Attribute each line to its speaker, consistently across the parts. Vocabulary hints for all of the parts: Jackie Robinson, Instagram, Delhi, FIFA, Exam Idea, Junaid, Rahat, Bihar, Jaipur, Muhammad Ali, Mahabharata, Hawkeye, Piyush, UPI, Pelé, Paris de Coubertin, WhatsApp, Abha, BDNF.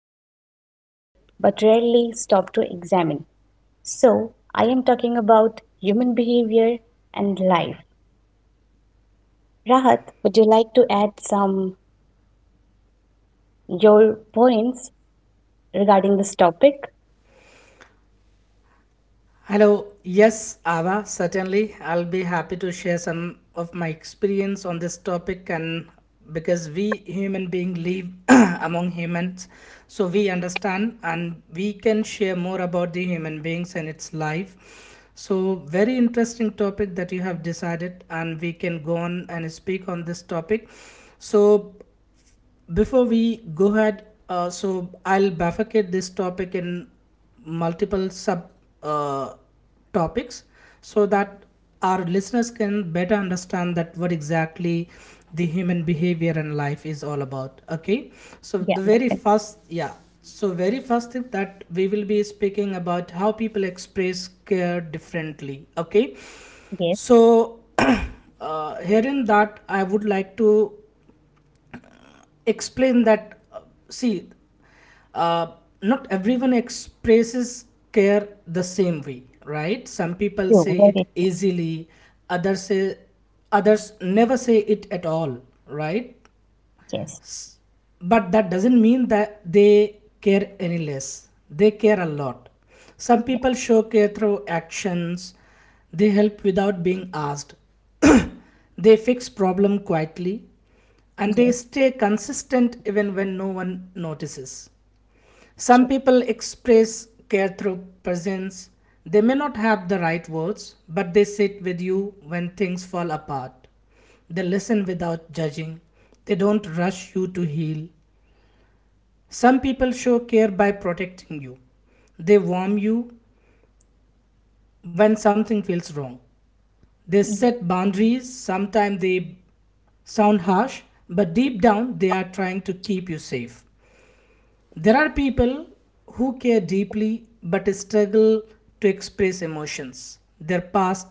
Speaker 1: every single day but rarely stop to examine. So, I am talking about human behavior and life. Rahat, would you like to add some your points regarding this topic?
Speaker 2: Hello. Yes, Ava, certainly. I'll be happy to share some of my experience on this topic, and because we human beings live among humans, so we understand and we can share more about the human beings and its life. So very interesting topic that you have decided and we can go on and speak on this topic. So before we go ahead, so I'll bifurcate this topic in multiple sub uh, topics so that our listeners can better understand that what exactly the human behavior and life is all about. Okay, so
Speaker 1: Yeah,
Speaker 2: the very first, yeah, so very first thing that we will be speaking about how people express care differently. Okay,
Speaker 1: yes,
Speaker 2: so herein that I would like to explain that see, uh, not everyone expresses care the same way, right? Some people
Speaker 1: true,
Speaker 2: say it
Speaker 1: very true.
Speaker 2: easily, others say, others never say it at all, right?
Speaker 1: Yes,
Speaker 2: But that doesn't mean that they care any less. They care a lot. Some
Speaker 1: yeah,
Speaker 2: people show care through actions, they help without being asked, they fix problem quietly, and they
Speaker 1: yes,
Speaker 2: stay consistent even when no one notices. Some
Speaker 1: true.
Speaker 2: people express care through presence. They may not have the right words, but they sit with you when things fall apart. They listen without judging. They don't rush you to heal. Some people show care by protecting you. They warm you when something feels wrong. They
Speaker 1: Yes,
Speaker 2: set boundaries. Sometimes they sound harsh, but deep down they are trying to keep you safe. There are people who care deeply but struggle to express emotions. Their past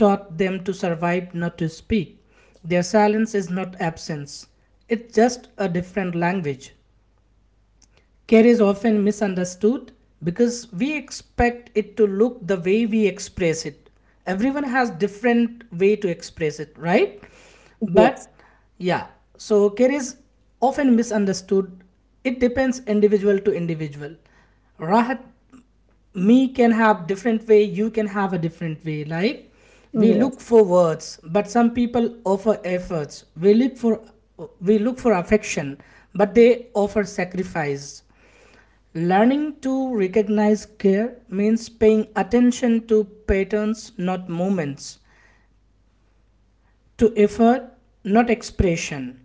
Speaker 2: taught them to survive, not to speak. Their silence is not absence, it's just a different language. Care is often misunderstood because we expect it to look the way we express it. Everyone has different way to express it, right?
Speaker 1: yes,
Speaker 2: But yeah, so care is often misunderstood. It depends individual to individual. Rahat, me can have different way, you can have a different way. Like we look for words but some people offer efforts, we look for, we look for affection but they offer sacrifice. Learning to recognize care means paying attention to patterns, not moments, to effort, not expression,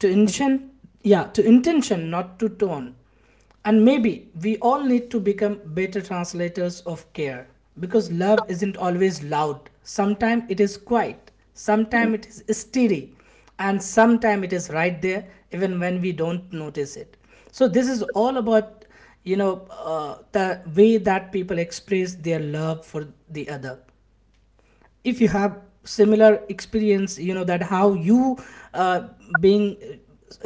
Speaker 2: to intention, yeah, to intention, not to tone. And maybe we all need to become better translators of care, because love isn't always loud. Sometimes it is quiet,
Speaker 1: yes,
Speaker 2: sometimes it is steady, and sometimes it is right there even when we don't notice it. So this is all about the way that people express their love for the other. If you have similar experience, you know that how you, uh, being,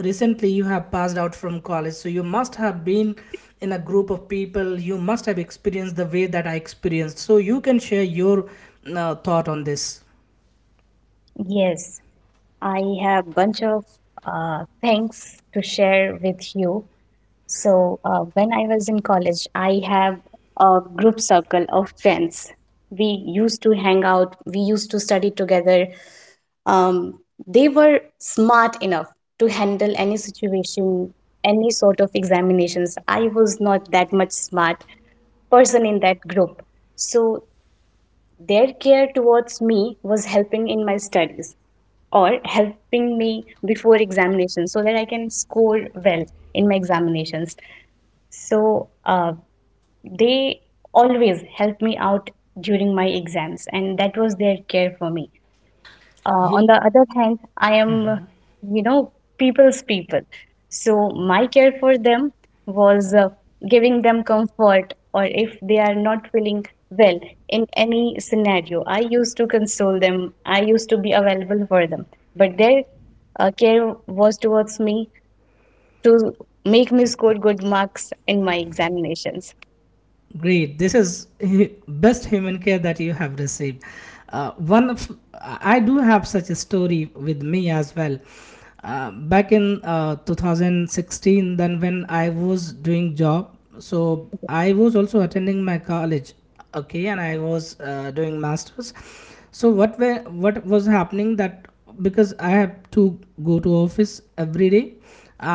Speaker 2: recently you have passed out from college, so you must have been in a group of people, you must have experienced the way that I experienced, so you can share your thought on this.
Speaker 1: yes, I have bunch of things to share with you. So when I was in college, I have a group circle of friends. We used to hang out. We used to study together. Um, they were smart enough to handle any situation, any sort of examinations. I was not that much smart person in that group. So their care towards me was helping in my studies or helping me before examinations so that I can score well in my examinations. So they always help me out during my exams, and that was their care for me.
Speaker 2: Yeah.
Speaker 1: On the other hand, I am, you know, people's people. So my care for them was giving them comfort, or if they are not feeling well in any scenario, I used to console them. I used to be available for them. But their care was towards me to make me score good marks in my examinations.
Speaker 2: Great. This is best human care that you have received. One of, I do have such a story with me as well. Back in 2016, then when I was doing job, so I was also attending my college, okay, and I was doing masters. So what was happening that because I have to go to office every day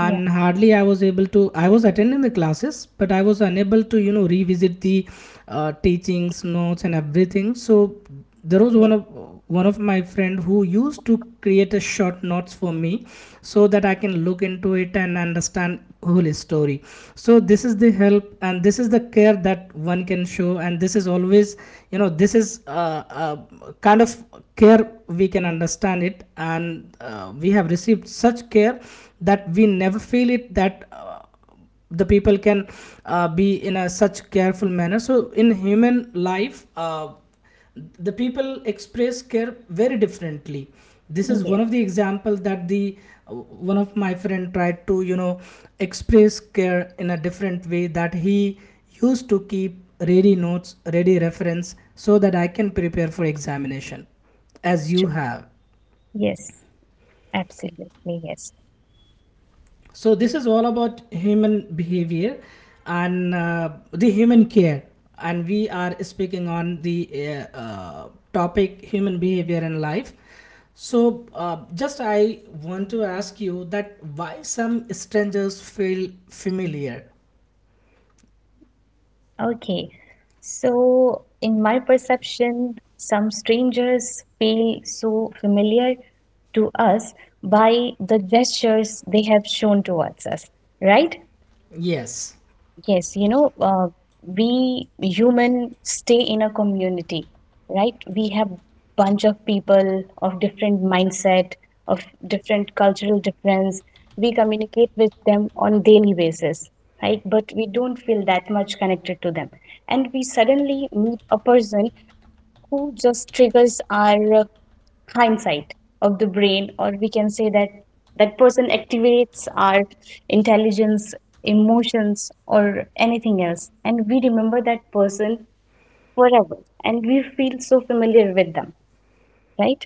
Speaker 1: Yeah,
Speaker 2: hardly I was able to, I was attending the classes but I was unable to, you know, revisit the teachings notes and everything. So there was
Speaker 1: yes,
Speaker 2: one of my friend who used to create a short notes for me so that I can look into it and understand whole story. So this is the help and this is the care that one can show, and this is always, you know, this is kind of care we can understand it, and we have received such care that we never feel it that, the people can be in a such careful manner. So in human life, the people express care very differently. This is
Speaker 1: yes,
Speaker 2: one of the examples that the uh, one of my friend tried to, you know, express care in a different way, that he used to keep ready notes, ready reference so that I can prepare for examination as you
Speaker 1: true.
Speaker 2: have.
Speaker 1: Yes, absolutely, yes.
Speaker 2: So this is all about human behavior and the human care, and we are speaking on the topic human behavior in life. So just I want to ask you that why some strangers feel familiar?
Speaker 1: Okay. So, in my perception, some strangers feel so familiar to us by the gestures they have shown towards us, right?
Speaker 2: Yes.
Speaker 1: Yes, we human stay in a community, right? We have bunch of people of different mindset, of different cultural difference. We communicate with them on daily basis, right? But we don't feel that much connected to them. And we suddenly meet a person who just triggers our hindsight of the brain, or we can say that that person activates our intelligence emotions or anything else, and we remember that person forever and we feel so familiar with them, right?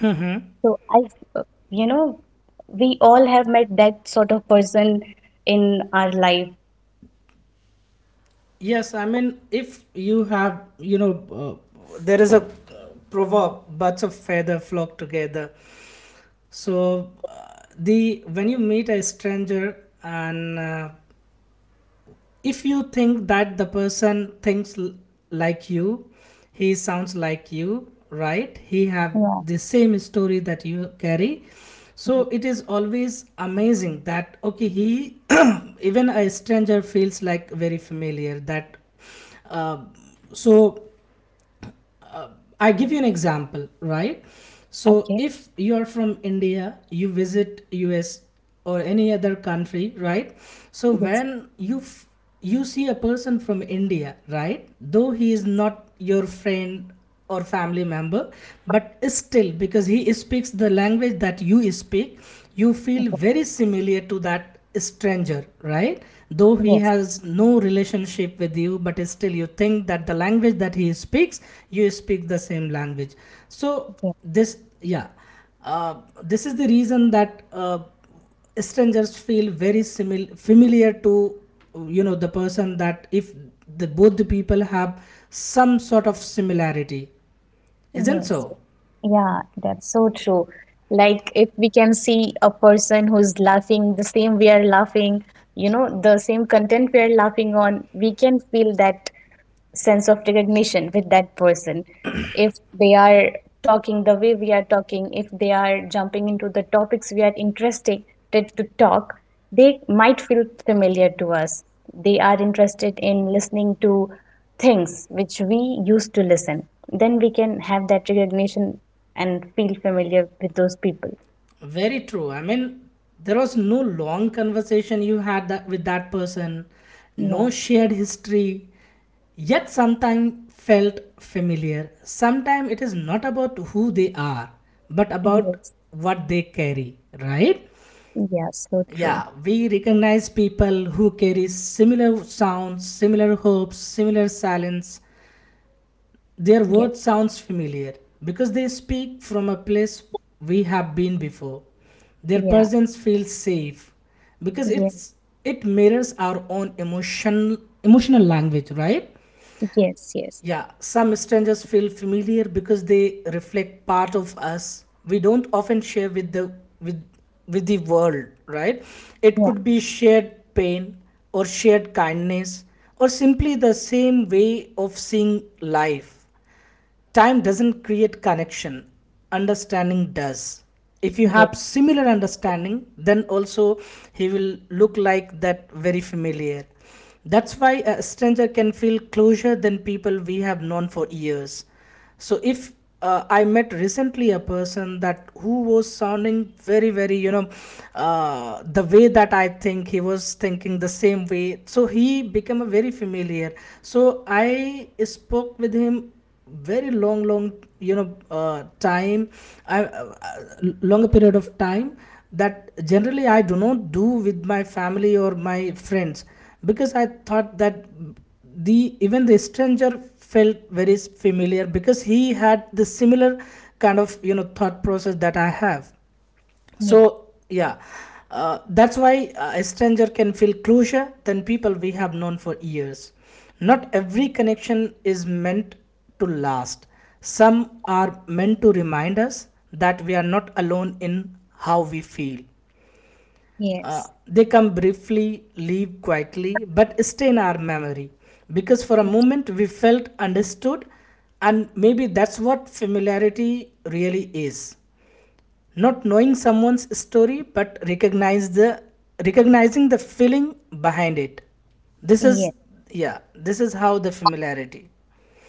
Speaker 2: Hmm.
Speaker 1: So i uh, you know we all have met that sort of person in our life.
Speaker 2: Yes, I mean, if you have, you know, there is a proverb, birds of feather flock together. So the when you meet a stranger and, if you think that the person thinks like you, he sounds like you, right? He have
Speaker 1: Yeah,
Speaker 2: the same story that you carry. So
Speaker 1: yeah.
Speaker 2: it is always amazing that, okay, he even a stranger feels like very familiar that, uh, so I give you an example, right? So
Speaker 1: Okay.
Speaker 2: if you are from India, you visit US or any other country, right? So
Speaker 1: Yes.
Speaker 2: when you you see a person from India, right? Though he is not your friend or family member, but still because he speaks the language that you speak, you feel
Speaker 1: Okay.
Speaker 2: very similar to that stranger, right? Though he
Speaker 1: Yes,
Speaker 2: has no relationship with you, but still you think that the language that he speaks, you speak the same language. So
Speaker 1: yes,
Speaker 2: this, yeah, this is the reason that, strangers feel very familiar to, you know, the person, that if the both the people have some sort of similarity, isn't
Speaker 1: yes,
Speaker 2: so?
Speaker 1: yeah, that's so true. Like, if we can see a person who's laughing the same we are laughing, the same content we are laughing on, we can feel that sense of recognition with that person. If they are talking the way we are talking, if they are jumping into the topics we are interested to talk, they might feel familiar to us. They are interested in listening to things which we used to listen, then we can have that recognition and feel familiar with those people.
Speaker 2: Very true. I mean, there was no long conversation you had that with that person, no
Speaker 1: Yeah.
Speaker 2: shared history, yet sometime felt familiar. Sometime it is not about who they are, but about
Speaker 1: Yes.
Speaker 2: what they carry, right?
Speaker 1: Yeah, so true.
Speaker 2: Yeah, we recognize people who carry similar sounds, similar hopes, similar silence, their
Speaker 1: Yeah,
Speaker 2: word sounds familiar because they speak from a place we have been before. Their
Speaker 1: yeah,
Speaker 2: presence feels safe because
Speaker 1: yeah,
Speaker 2: it mirrors our own emotional language, right?
Speaker 1: yes, yes,
Speaker 2: Yeah, some strangers feel familiar because they reflect part of us we don't often share with with the world, right? It
Speaker 1: yeah,
Speaker 2: could be shared pain or shared kindness or simply the same way of seeing life. Time doesn't create connection, understanding does. If you
Speaker 1: yeah,
Speaker 2: have similar understanding, then also he will look like that very familiar. That's why a stranger can feel closer than people we have known for years. So if, I met recently a person that who was sounding very very, you know, the way that I think, he was thinking the same way, so he became a very familiar. So I spoke with him very long long, you know, time, longer period of time, that generally I do not do with my family or my friends, because I thought that the even the stranger felt very familiar because he had the similar kind of, you know, thought process that I have. So
Speaker 1: yeah,
Speaker 2: yeah, that's why, a stranger can feel closer than people we have known for years. Not every connection is meant to last, some are meant to remind us that we are not alone in how we feel.
Speaker 1: yes,
Speaker 2: They come briefly, leave quietly, but stay in our memory because for a
Speaker 1: yes,
Speaker 2: moment we felt understood. And maybe that's what familiarity really is, not knowing someone's story but recognize the recognizing the feeling behind it. This is,
Speaker 1: yes.
Speaker 2: yeah, this is how the familiarity.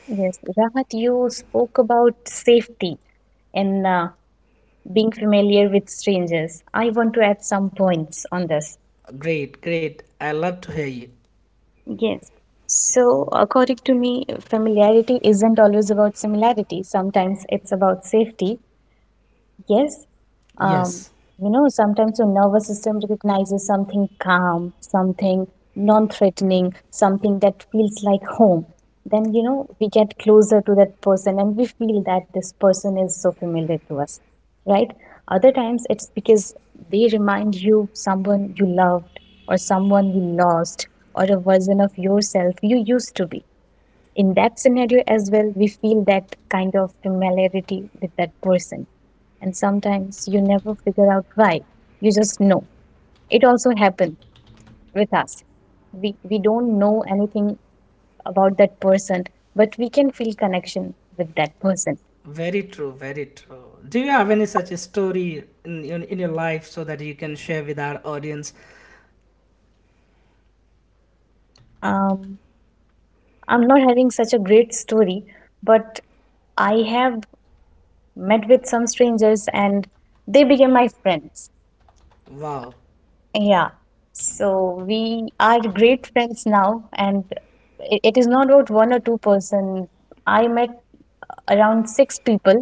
Speaker 1: Yes, Rahat, you spoke about safety and being familiar with strangers. I want to add some points on this.
Speaker 2: Great, great, I love to hear you.
Speaker 1: Yes. So, according to me, familiarity isn't always about similarity. Sometimes it's about safety. Yes, um,
Speaker 2: Yes.
Speaker 1: sometimes your nervous system recognizes something calm, something non threatening, something that feels like home. Then, we get closer to that person and we feel that this person is so familiar to us, right? Other times it's because they remind you someone you loved or someone you lost or a version of yourself you used to be. In that scenario as well, we feel that kind of familiarity with that person. And sometimes you never figure out why. You just know. It also happened with us. We don't know anything about that person, but we can feel connection with that person.
Speaker 2: Very true, very true, do you have any such a story in your life so that you can share with our audience?
Speaker 1: Um, I'm not having such a great story, but I have met with some strangers and they became my friends.
Speaker 2: Wow.
Speaker 1: Yeah. So we are great friends now, and it is not about one or two person. I met around six people,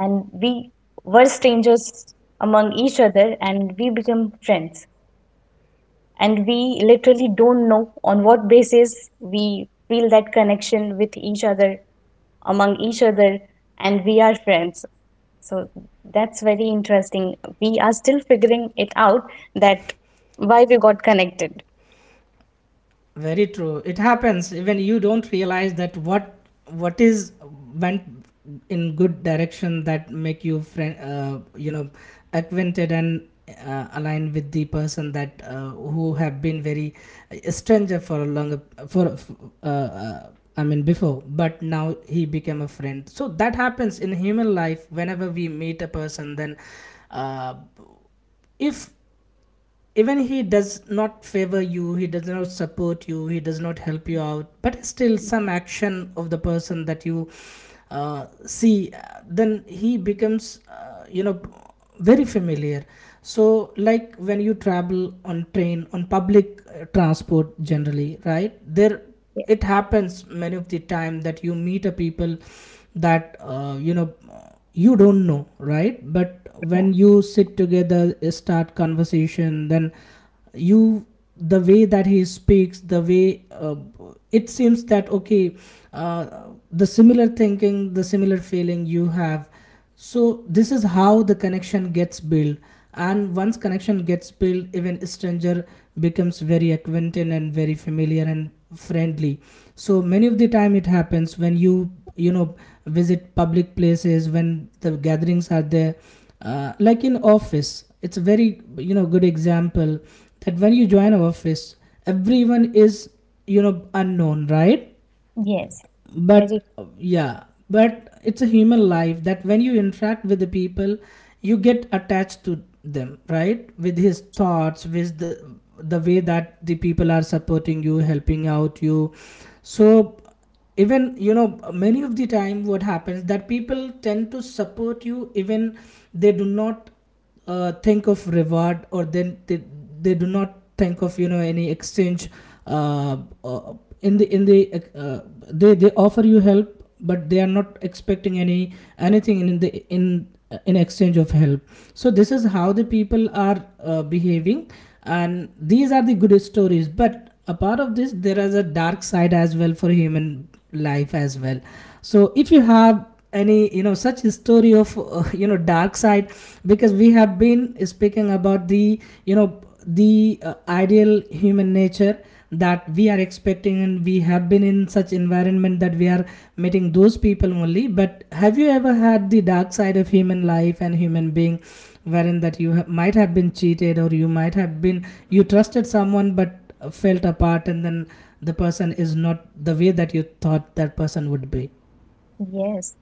Speaker 1: and we were strangers among each other, and we became friends. And we literally don't know on what basis we feel that connection with each other, among each other, and we are friends. So that's very interesting. We are still figuring it out that why we got connected.
Speaker 2: Very true. It happens when you don't realize that what is went in good direction that make you friend, you know, acquainted and, aligned with the person, that, who have been very a stranger for a longer, for, uh, uh, I mean, before, but now he became a friend. So that happens in human life whenever we meet a person, then uh, if even he does not favor you, he does not support you, he does not help you out, but still some action of the person that you see, then he becomes, you know, very familiar. So like when you travel on train, on public transport, generally right there it happens many of the time that you meet a people that you don't know, right? But
Speaker 1: Yeah.
Speaker 2: when you sit together, start conversation, then you, the way that he speaks, the way it seems that okay, the similar thinking, the similar feeling you have. So this is how the connection gets built, and once connection gets built, even stranger becomes very acquainted and very familiar and friendly. So many of the time it happens when you know visit public places, when the gatherings are there, like in office. It's a very, you know, good example that when you join an office, everyone is, you know, unknown, right?
Speaker 1: Yes. Very
Speaker 2: But yeah, but it's a human life that when you interact with the people, you get attached to them, right? With his
Speaker 1: true.
Speaker 2: thoughts, with the way that the people are supporting you, helping out you. So even, you know, many of the time what happens that people tend to support you even they do not think of reward or they do not think of, you know, any exchange. uh, uh, in the they offer you help, but they are not expecting any anything in the in exchange of help. So this is how the people are behaving, and these are the good stories, but apart of this there is a dark side as well for human life as well. So if you have any, you know, such history of, you know, dark side, because we have been speaking about the, you know the ideal human nature that we are expecting, and we have been in such environment that we are meeting those people only. But have you ever had the dark side of human life and human being, wherein that might have been cheated, or you might have been, you trusted someone but felt apart, and then the person is not the way that you thought that person would be?
Speaker 1: Yes.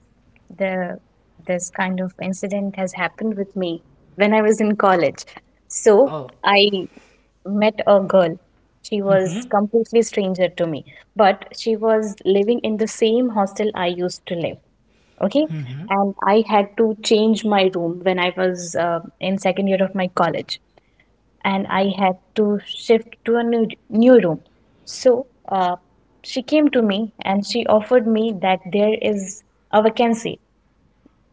Speaker 1: The this kind of incident has happened with me when I was in college. So
Speaker 2: Oh.
Speaker 1: I met a girl. She was completely stranger to me, but she was living in the same hostel I used to live. Okay,
Speaker 2: Mm-hmm.
Speaker 1: and I had to change my room when I was in second year of my college, and I had to shift to a new room. So she came to me and she offered me that there is a vacancy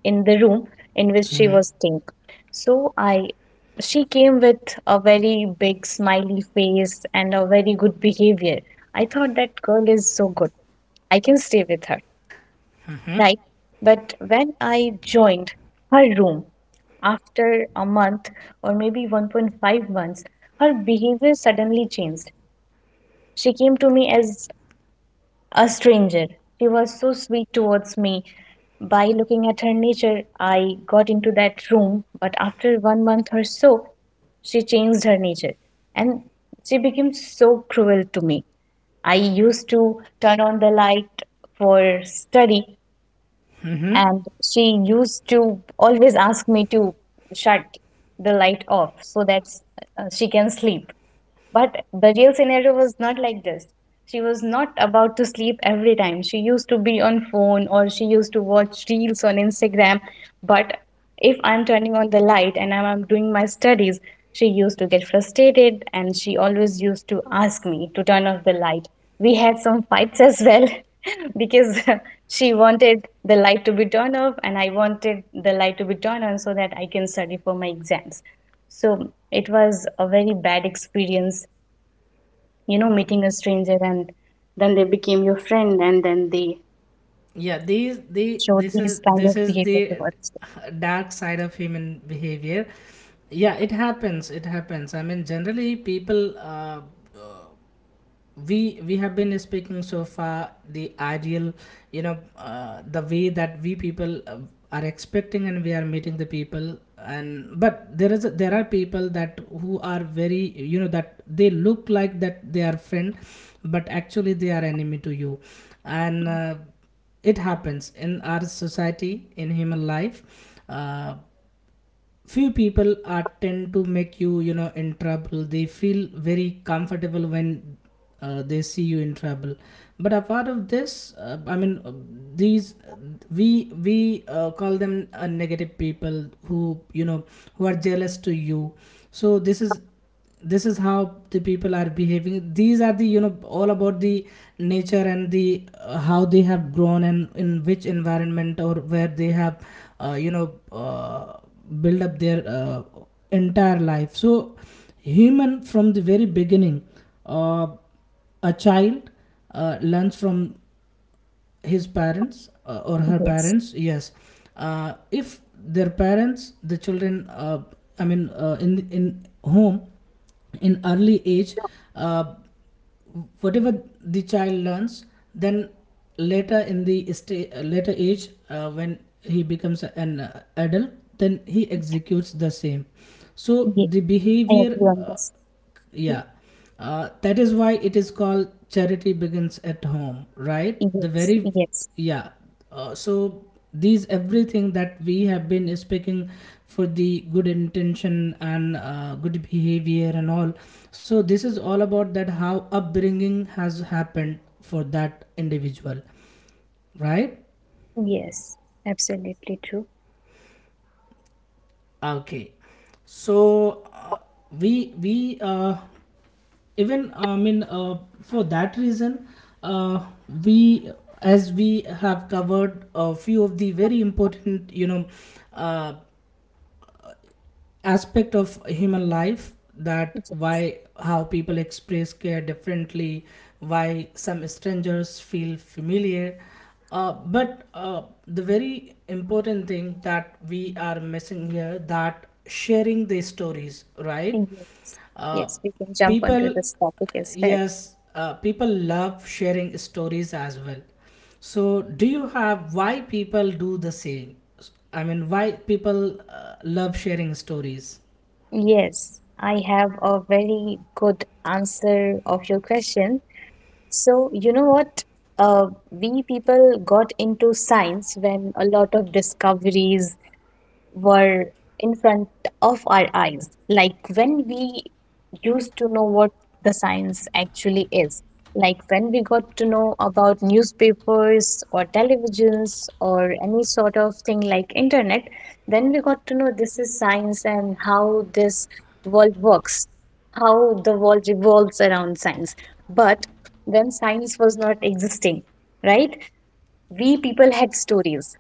Speaker 1: in the room in which she
Speaker 2: Mm-hmm.
Speaker 1: was staying. So I she came with a very big smiley face and a very good behavior. I thought that girl is so good. I can stay with her, right? But when I joined her room after a month or maybe 1.5 months, her behavior suddenly changed. She came to me as a stranger. She was so sweet towards me. By looking at her nature, I got into that room, but after 1 month or so, she changed her nature and she became so cruel to me. I used to turn on the light for study,
Speaker 2: Mm-hmm.
Speaker 1: and she used to always ask me to shut the light off so that she can sleep. But the real scenario was not like this. She was not about to sleep every time. She used to be on phone or she used to watch reels on Instagram. But if I'm turning on the light and I'm doing my studies, she used to get frustrated and she always used to ask me to turn off the light. We had some fights as well because she wanted the light to be turned off and I wanted the light to be turned on so that I can study for my exams. So it was a very bad experience, meeting a stranger and then they became your friend and then they
Speaker 2: Yeah, these the
Speaker 1: showed
Speaker 2: this is
Speaker 1: these kind
Speaker 2: this
Speaker 1: of
Speaker 2: is
Speaker 1: behavior
Speaker 2: the
Speaker 1: towards
Speaker 2: dark side of human behavior. Yeah, it happens. It happens. I mean, generally people, we have been speaking so far the ideal, you know, the way that we people are expecting, and we are meeting the people. And but there is there are people that who are very, you know, that they look like that they are friend, but actually they are enemy to you. And it happens in our society, in human life. Few people are tend to make you, you know, in trouble. They feel very comfortable when they see you in trouble. But apart of this, I mean, these we call them negative people who, you know, who are jealous to you. So this is how the people are behaving. These are the, you know, all about the nature and the how they have grown and in which environment, or where they have uh, you know uh, build up their entire life. So human from the very beginning, uh, a child learns from his parents, or
Speaker 1: you.
Speaker 2: her
Speaker 1: Yes,
Speaker 2: parents, yes. If their parents, the children, I mean, in home, in early age, uh, whatever the child learns, then later in later age, when he becomes an adult, then he executes the same. So
Speaker 1: yes,
Speaker 2: the
Speaker 1: I
Speaker 2: behavior,
Speaker 1: agree on this.
Speaker 2: yeah. That is why it is called, charity begins at home, right? The
Speaker 1: Yes,
Speaker 2: very
Speaker 1: yes,
Speaker 2: yeah. So these everything that we have been speaking for the good intention and good behavior and all, so this is all about that how upbringing has happened for that individual, right?
Speaker 1: yes, absolutely true.
Speaker 2: Okay, so we even, I mean, for that reason, uh, we, as we have covered a few of the very important, you know, uh, aspect of human life, that
Speaker 1: Yes.
Speaker 2: why how people express care differently, why some strangers feel familiar. But The very important thing that we are missing here, that sharing the stories, right? uh,
Speaker 1: Yes, we can jump onto
Speaker 2: People,
Speaker 1: this topic as well.
Speaker 2: yes, people love sharing stories as well. So do you have, why people do the same? I mean, why people love sharing stories?
Speaker 1: Yes, I have a very good answer of your question. So, you know what? We people got into science when a lot of discoveries were in front of our eyes. Like when we used to know what the science actually is. Like when we got to know about newspapers or televisions or any sort of thing like internet, then we got to know this is science and how this world works, how the world revolves around science. But when science was not existing, right? We people had stories.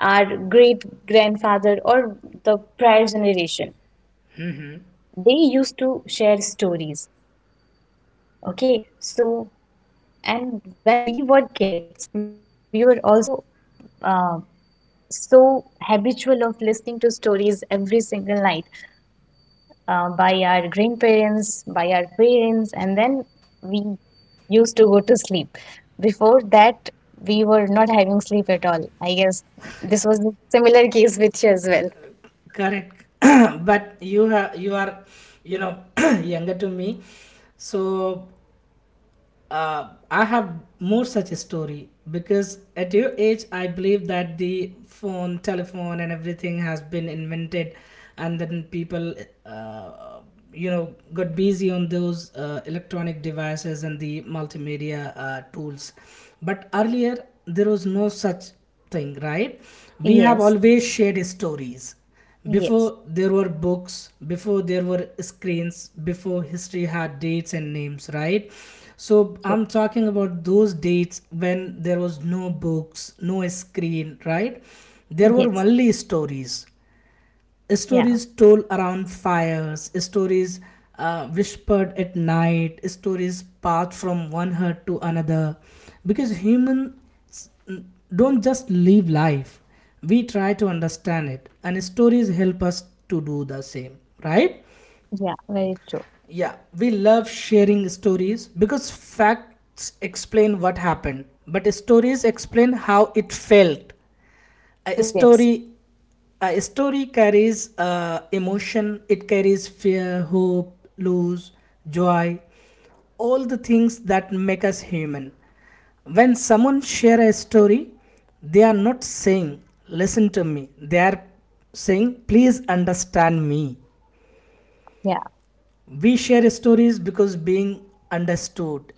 Speaker 1: Our great grandfather or the prior generation,
Speaker 2: Hmm.
Speaker 1: they used to share stories. Okay, so, and when we were kids, we were also uh, so habitual of listening to stories every single night by our grandparents, by our parents, and then we used to go to sleep. Before that, we were not having sleep at all, I guess. This was the similar case with you as well.
Speaker 2: Correct. But you have, you are, you know, younger to me. So I have more such a story because at your age, I believe that the phone, telephone, and everything has been invented, and then people, uh, got busy on those electronic devices and the multimedia tools. But earlier, there was no such thing, right? We have
Speaker 1: Yes,
Speaker 2: always shared stories before
Speaker 1: yes,
Speaker 2: there were books, before there were screens, before history had dates and names, right? So I'm talking about those dates when there was no books, no screen, right? There were
Speaker 1: yes.
Speaker 2: only stories, stories
Speaker 1: Yeah.
Speaker 2: told around fires, stories whispered at night, stories passed from one heart to another. Because humans don't just live life, we try to understand it, and stories help us to do the same, right?
Speaker 1: Yeah. Very true.
Speaker 2: Yeah, we love sharing stories because facts explain what happened, but stories explain how it felt. A
Speaker 1: Yes.
Speaker 2: story, a story carries emotion. It carries fear, hope, loss, joy, all the things that make us human. When someone share a story, they are not saying, listen to me. They are saying, please understand me.
Speaker 1: Yeah.
Speaker 2: We share stories because being understood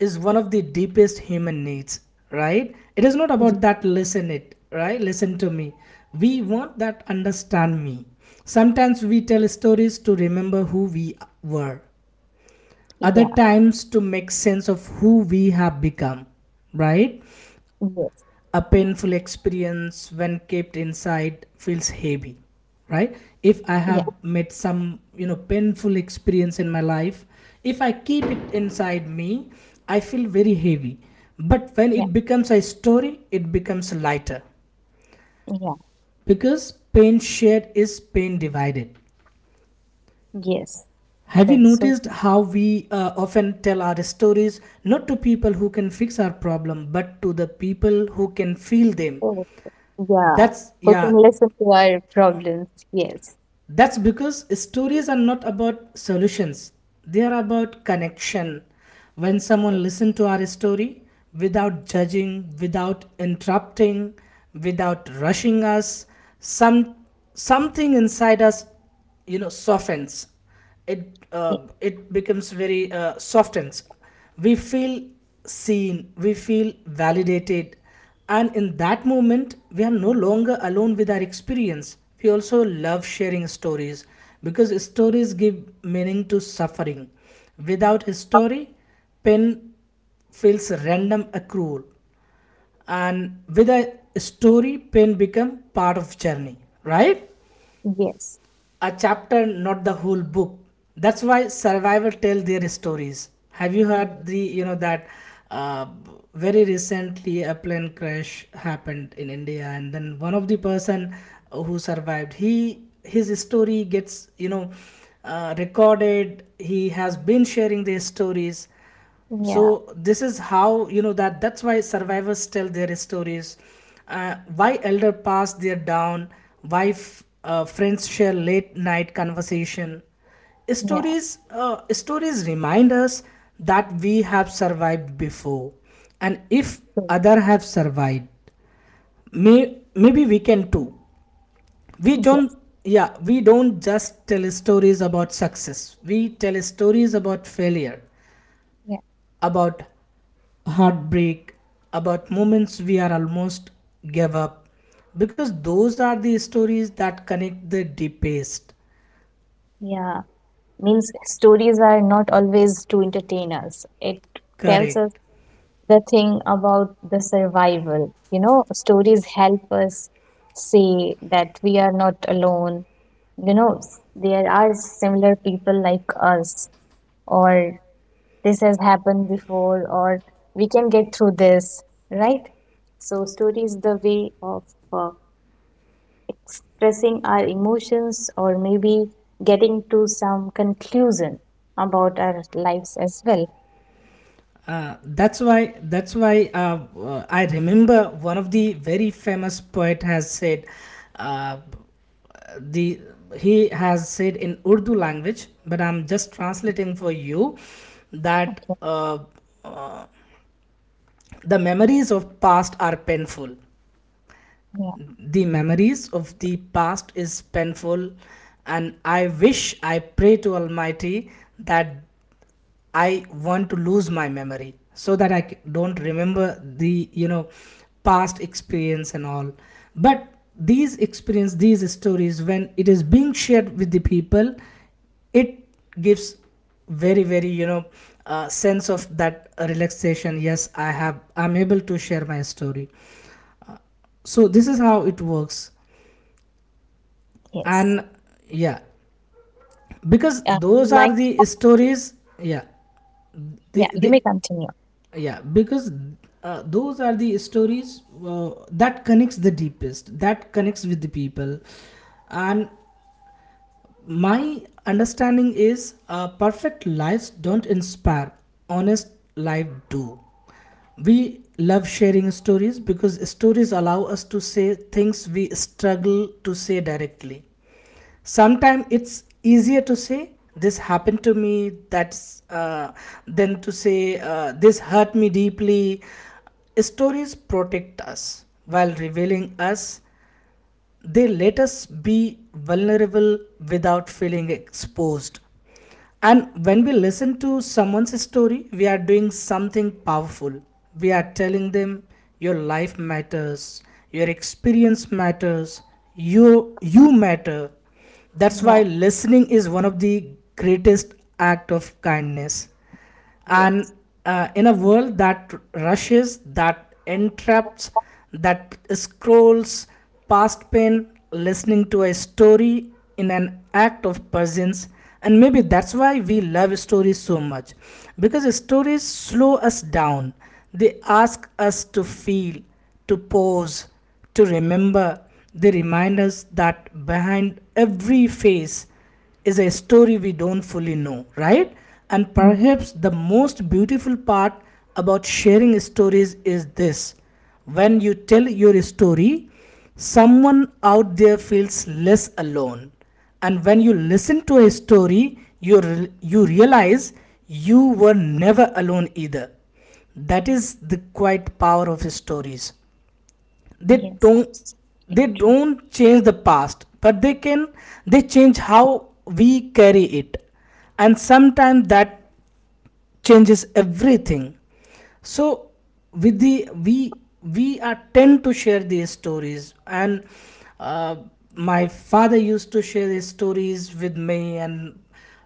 Speaker 2: is one of the deepest human needs, right? It is not
Speaker 1: y-
Speaker 2: about that, listen it, right? Listen to me. We want that, understand me. Sometimes we tell stories to remember who we were, other
Speaker 1: Yeah.
Speaker 2: times to make sense of who we have become, right?
Speaker 1: Yes.
Speaker 2: A painful experience, when kept inside, feels heavy, right? If I
Speaker 1: Yeah.
Speaker 2: have met some, you know, painful experience in my life, if I keep it inside me, I feel very heavy. But when
Speaker 1: Yeah.
Speaker 2: it becomes a story, it becomes lighter,
Speaker 1: Yeah.
Speaker 2: because pain shared is pain divided.
Speaker 1: Yes.
Speaker 2: Have you
Speaker 1: That's so
Speaker 2: noticed how we often tell our stories not to people who can fix our problem, but to the people who can feel them?
Speaker 1: true. Yeah.
Speaker 2: That's
Speaker 1: Who can
Speaker 2: yeah.
Speaker 1: listen to our problems? Yes.
Speaker 2: That's because stories are not about solutions, they are about connection. When someone
Speaker 1: Yes.
Speaker 2: listens to our story without judging, without interrupting, without rushing us, some something inside us, you know, softens it.
Speaker 1: Yes.
Speaker 2: It becomes very softens. We feel seen, we feel validated, and in that moment we are no longer alone with our experience. We also love sharing stories because stories give meaning to suffering. Without a story, pain feels random or cruel, and with a story, pain become part of journey, right?
Speaker 1: Yes.
Speaker 2: A chapter, not the whole book. That's why survivors tell their stories. Have you
Speaker 1: Mm,
Speaker 2: heard the, you know, that uh, very recently a plane crash happened in India, and then one of the person who survived, he, his story gets, you know, recorded. He has been sharing their stories.
Speaker 1: yeah.
Speaker 2: So this is how, you know, that that's why survivors tell their stories, why elder pass their down, why friends share late night conversation.
Speaker 1: Yeah.
Speaker 2: Stories, stories remind us that we have survived before, and if
Speaker 1: True.
Speaker 2: other have survived, maybe we can too. We don't,
Speaker 1: Yes.
Speaker 2: yeah, we don't just tell stories about success, we tell stories about failure,
Speaker 1: Yeah.
Speaker 2: about heartbreak, about moments we are almost gave up, because those are the stories that connect the deepest.
Speaker 1: Yeah. Means stories are not always to entertain us. It tells
Speaker 2: Correct.
Speaker 1: us the thing about the survival. Stories help us see that we are not alone. There are similar people like us, or this has happened before, or we can get through this, right? So story is the way of uh, expressing our emotions or maybe getting to some conclusion about our lives as well.
Speaker 2: That's why. That's why I remember one of the very famous poet has said, uh, the he has said in Urdu language, but I'm just translating for you that uh, the memories of past are painful.
Speaker 1: Yeah.
Speaker 2: The memories of the past is painful, and I wish, I pray to Almighty that I want to lose my memory so that don't remember the, you know, past experience and all. But these experience, these stories, when it is being shared with the people, it gives very very, you know, sense of that relaxation. Yes, I have, I'm able to share my story. So this is how it works.
Speaker 1: Yes.
Speaker 2: And yeah, because
Speaker 1: You
Speaker 2: those are
Speaker 1: might.
Speaker 2: the stories, yeah,
Speaker 1: Yeah, you may
Speaker 2: the
Speaker 1: continue.
Speaker 2: yeah, because those are the stories that connects the deepest, that connects with the people. And my understanding is, perfect lives don't inspire, honest life do. We love sharing stories because stories allow us to say things we struggle to say directly. Sometimes it's easier to say, this happened to me, that's than to say, this hurt me deeply. Stories protect us while revealing us. They let us be vulnerable without feeling exposed. And when we listen to someone's story, we are doing something powerful. We are telling them, your life matters, your experience matters, you matter. That's why
Speaker 1: Yeah.
Speaker 2: listening is one of the greatest act of kindness. And
Speaker 1: Yes.
Speaker 2: in a world that rushes, that entraps, that scrolls past pain, listening to a story in an act of presence. And maybe that's why we love stories so much, because stories slow us down. They ask us to feel, to pause, to remember. They remind us that behind every face is a story we don't fully know, right? And
Speaker 1: Mm,
Speaker 2: perhaps the most beautiful part about sharing stories is this: when you tell your story, someone out there feels less alone. And when you listen to a story, you realize you were never alone either. That is the quiet power of stories. they
Speaker 1: yes,
Speaker 2: don't
Speaker 1: absolutely
Speaker 2: they
Speaker 1: true.
Speaker 2: don't change the past, but they change how we carry it, and sometimes that changes everything. So with the we are tend to share these stories. And uh, my father used to share his stories with me, and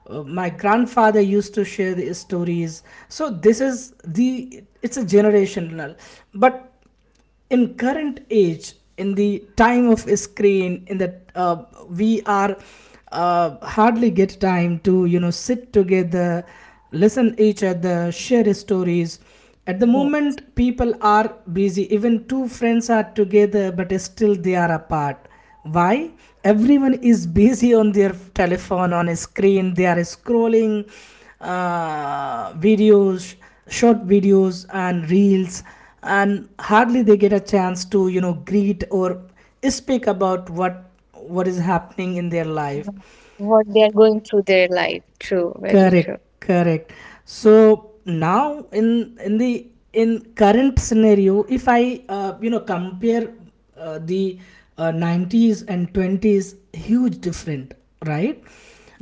Speaker 2: my grandfather used to share the stories. So this is the it's a generational. But in current age, in the time of a screen in that, we are hardly get time to sit together, listen each other, share stories. At the
Speaker 1: Yeah.
Speaker 2: moment people are busy, even two friends are together but still they are apart. Why? Everyone is busy on their telephone, on a screen they are scrolling videos, short videos and reels. And hardly they get a chance to greet or speak about what is happening in their
Speaker 1: Yeah.
Speaker 2: life.
Speaker 1: What they are going through their life. True, very true.
Speaker 2: Correct, correct. So now in current scenario, if I compare the 90s and 20s, huge different, right?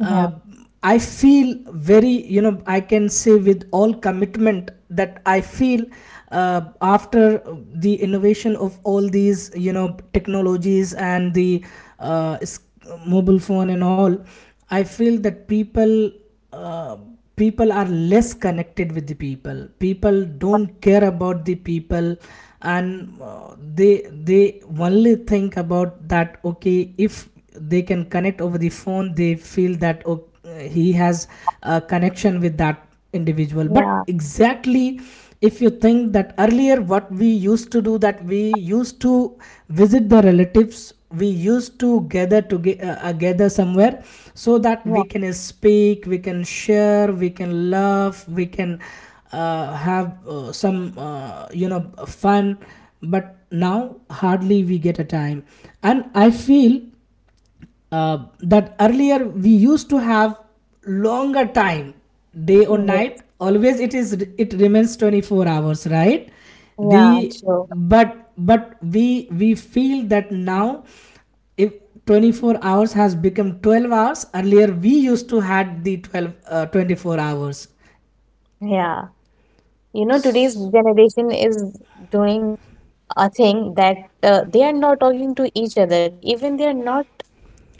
Speaker 2: Uh, I feel, very I can say with all commitment that I feel after the innovation of all these technologies and the uh, s- mobile phone and all, I feel that uh, people are less connected with the people. People don't care about the people. And they they only think about that, okay, if they can connect over the phone, they feel that, oh, he has a connection with that individual, but
Speaker 1: yeah,
Speaker 2: exactly, if you think that earlier what we used to do, that we used to visit the relatives, we used to gather gather somewhere, so that
Speaker 1: yeah,
Speaker 2: we can speak, we can share, we can laugh, we can have some fun. But now hardly we get a time. And I feel that earlier we used to have longer time. Day or
Speaker 1: yes,
Speaker 2: night, always it remains 24 hours, right?
Speaker 1: yeah,
Speaker 2: the
Speaker 1: true.
Speaker 2: but but we we feel that now, if 24 hours has become 12 hours. Earlier we used to had the 12 uh, 24 hours.
Speaker 1: Yeah. Today's generation is doing a thing that they are not talking to each other. Even they are not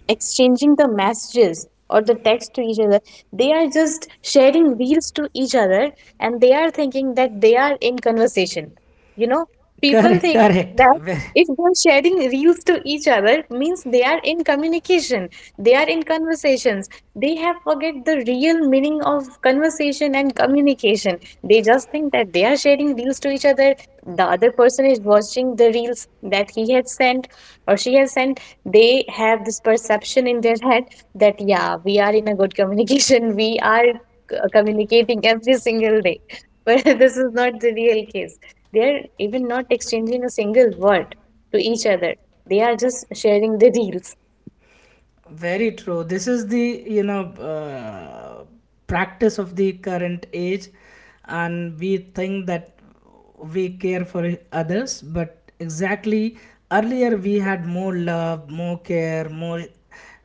Speaker 1: exchanging the messages or the text to each other. They are just sharing reels to each other and they are thinking that they are in conversation. you know People
Speaker 2: Correct,
Speaker 1: think
Speaker 2: correct.
Speaker 1: that if they're sharing reels to each other means they are in communication, they are in conversations. They have forget the real meaning of conversation and communication. They just think that they are sharing reels to each other, the other person is watching the reels that he has sent or she has sent. They have this perception in their head that yeah, we are in a good communication. We are communicating every single day. But this is not the real case. They are even not exchanging a single word to each other. They are just sharing the reels.
Speaker 2: Very true. This is the uh, practice of the current age, and we think that we care for others, but exactly earlier we had more love, more care, more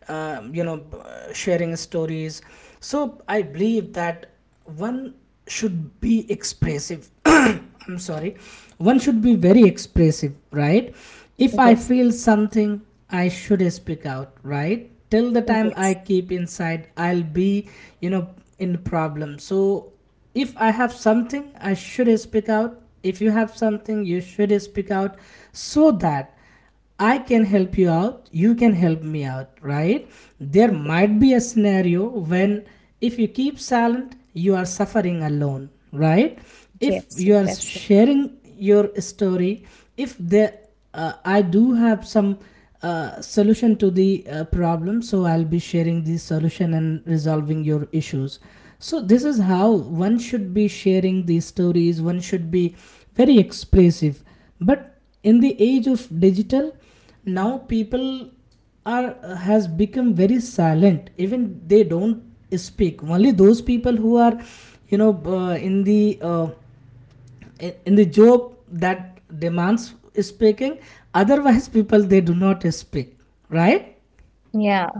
Speaker 2: uh, you know sharing stories. So I believe that one should be expressive. I'm sorry. One should be very expressive, right? If I
Speaker 1: Yes,
Speaker 2: feel something, I should speak out, right? Till the time I
Speaker 1: yes,
Speaker 2: keep inside, I'll be you know in problem, so, if I have something I should speak out, if you have something you should speak out, so that I can help you out, you can help me out, right? There might be a scenario when, if you keep silent, you are suffering alone, right? If
Speaker 1: yes, yes,
Speaker 2: you are
Speaker 1: absolutely.
Speaker 2: sharing your story, if there, I do have some solution to the problem, so I'll be sharing the solution and resolving your issues. So this is how one should be sharing these stories. One should be very expressive. But in the age of digital, now people are has become very silent. Even they don't speak. Only those people who are you know uh, in the uh, in the job that demands speaking, otherwise people, they do not speak, right?
Speaker 1: yeah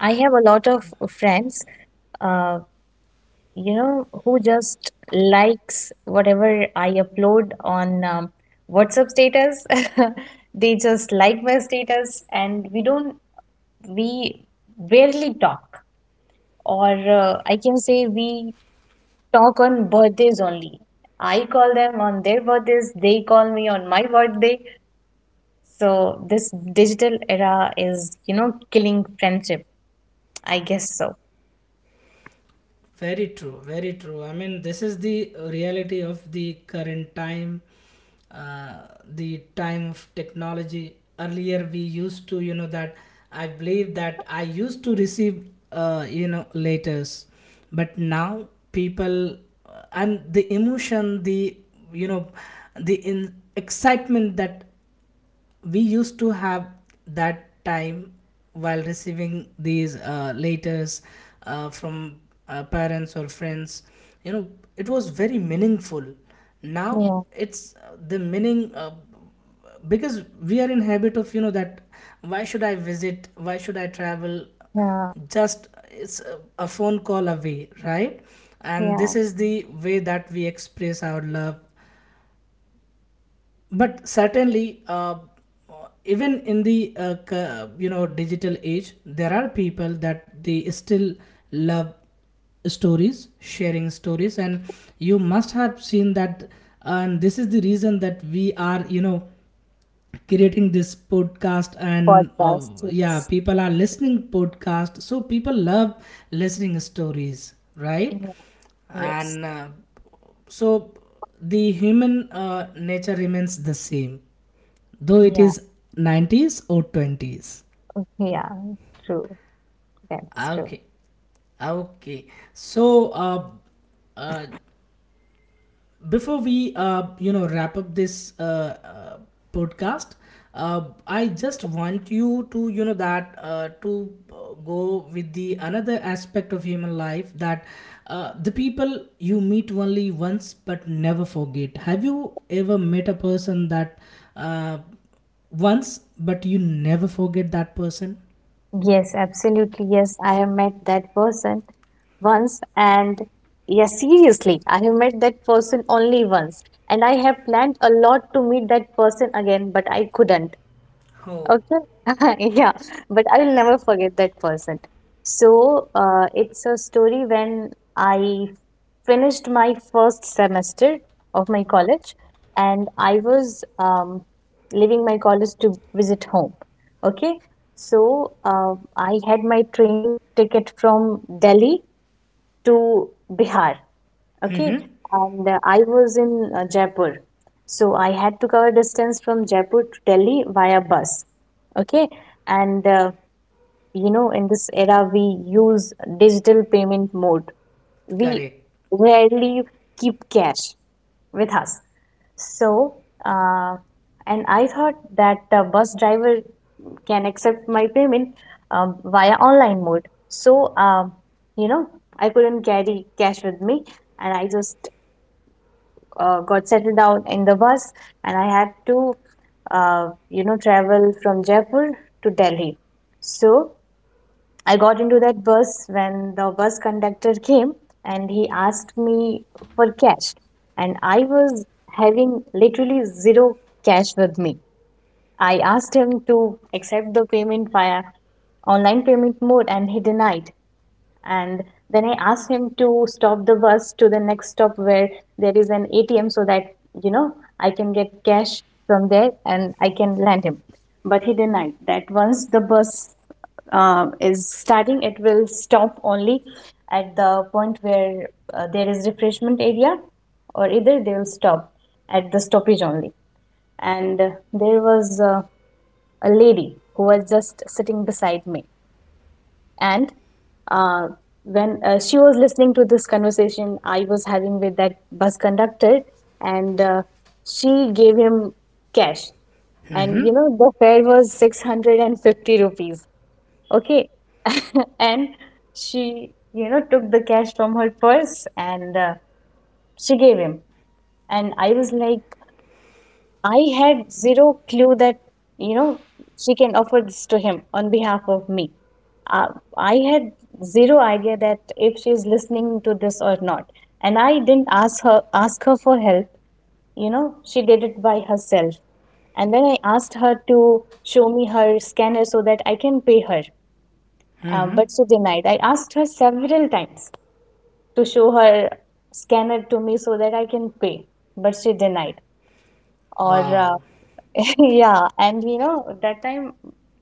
Speaker 1: i have a lot of friends, Uh, who just likes whatever I upload on WhatsApp status. They just like my status, and we don't, we rarely talk, or I can say we talk on birthdays only. I call them on their birthdays, they call me on my birthday. So this digital era is killing friendship. I guess so.
Speaker 2: Very true, very true. I mean, this is the reality of the current time, uh, the time of technology. Earlier, we used to, that I believe that I used to receive, letters, but now people, and the emotion, the you know, the in excitement that we used to have that time, while receiving these letters from parents or friends, you know it was very meaningful. Now
Speaker 1: Yeah,
Speaker 2: it's, the meaning, because we are in habit of, that, why should I visit, why should I travel,
Speaker 1: yeah,
Speaker 2: just it's a phone call away, right? And
Speaker 1: yeah.
Speaker 2: this is the way that we express our love. But certainly even in the digital age, there are people that they still love stories, sharing stories, and you must have seen that. And this is the reason that we are creating this podcast, and
Speaker 1: Podcast,
Speaker 2: yeah,
Speaker 1: yes.
Speaker 2: people are listening podcast, so people love listening stories, right?
Speaker 1: Yeah, yes.
Speaker 2: And so the human nature remains the same, though it
Speaker 1: Yeah,
Speaker 2: is 90s or 20s.
Speaker 1: yeah, true. That's true.
Speaker 2: Okay, okay. So uh, before we, wrap up this podcast, I just want you to, you know, that to go with the another aspect of human life, that the people you meet only once but never forget. Have you ever met a person that, uh, once, but you never forget that person?
Speaker 1: Yes, absolutely. Yes, I have met that person once, and yes, seriously, I have met that person only once, and I have planned a lot to meet that person again, but I couldn't.
Speaker 2: Oh.
Speaker 1: Okay. Yeah, but I'll never forget that person. So, it's a story when I finished my first semester of my college, and I was leaving my college to visit home. Okay. So, I had my train ticket from Delhi to Bihar. Okay.
Speaker 2: Mm-hmm.
Speaker 1: And I was in Jaipur. So, I had to cover distance from Jaipur to Delhi via bus. Okay. And in this era we use digital payment mode. We
Speaker 2: Correct.
Speaker 1: rarely keep cash with us. So, and I thought that the bus driver can accept my payment via online mode. So you know I couldn't carry cash with me, and I just got settled down in the bus, and I had to travel from Jaipur to Delhi. So I got into that bus when the bus conductor came and he asked me for cash. And I was having literally zero cash with me. I asked him to accept the payment via online payment mode, and he denied. And then I asked him to stop the bus to the next stop where there is an ATM so that, you know, I can get cash from there and I can lend him. But he denied that once the bus is starting, it will stop only at the point where there is refreshment area, or either they will stop at the stoppage only. And there was a lady who was just sitting beside me, and uh, when she was listening to this conversation I was having with that bus conductor, and she gave him cash. And you
Speaker 2: Mm-hmm.
Speaker 1: know, the fare was 650 rupees. Okay. And she took the cash from her purse, and she gave him. And I was like, I had zero clue that, you know, she can offer this to him on behalf of me. Uh, I had zero idea that if she's listening to this or not. And I didn't ask her for help. She did it by herself. And then I asked her to show me her scanner so that I can pay her. Um,
Speaker 2: Mm-hmm.
Speaker 1: but she denied. I asked her several times to show her scanner to me so that I can pay, but she denied. Or,
Speaker 2: Wow.
Speaker 1: yeah, and that time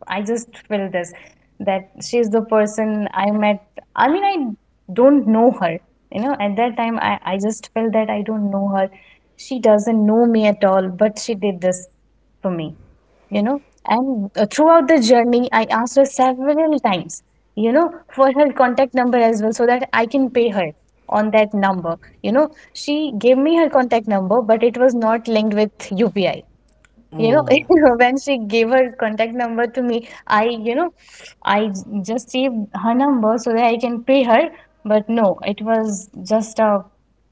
Speaker 1: I just feel this that she's the person I met. I mean, I don't know her. At that time, I just felt that I don't know her. She doesn't know me at all, but she did this for me. And throughout the journey, I asked her several times you know for her contact number as well so that I can pay her on that number you know she gave me her contact number, but it was not linked with UPI. you know
Speaker 2: Oh.
Speaker 1: when she gave her contact number to me, I you know I j- just saved her number so that I can pay her, but no, it was just a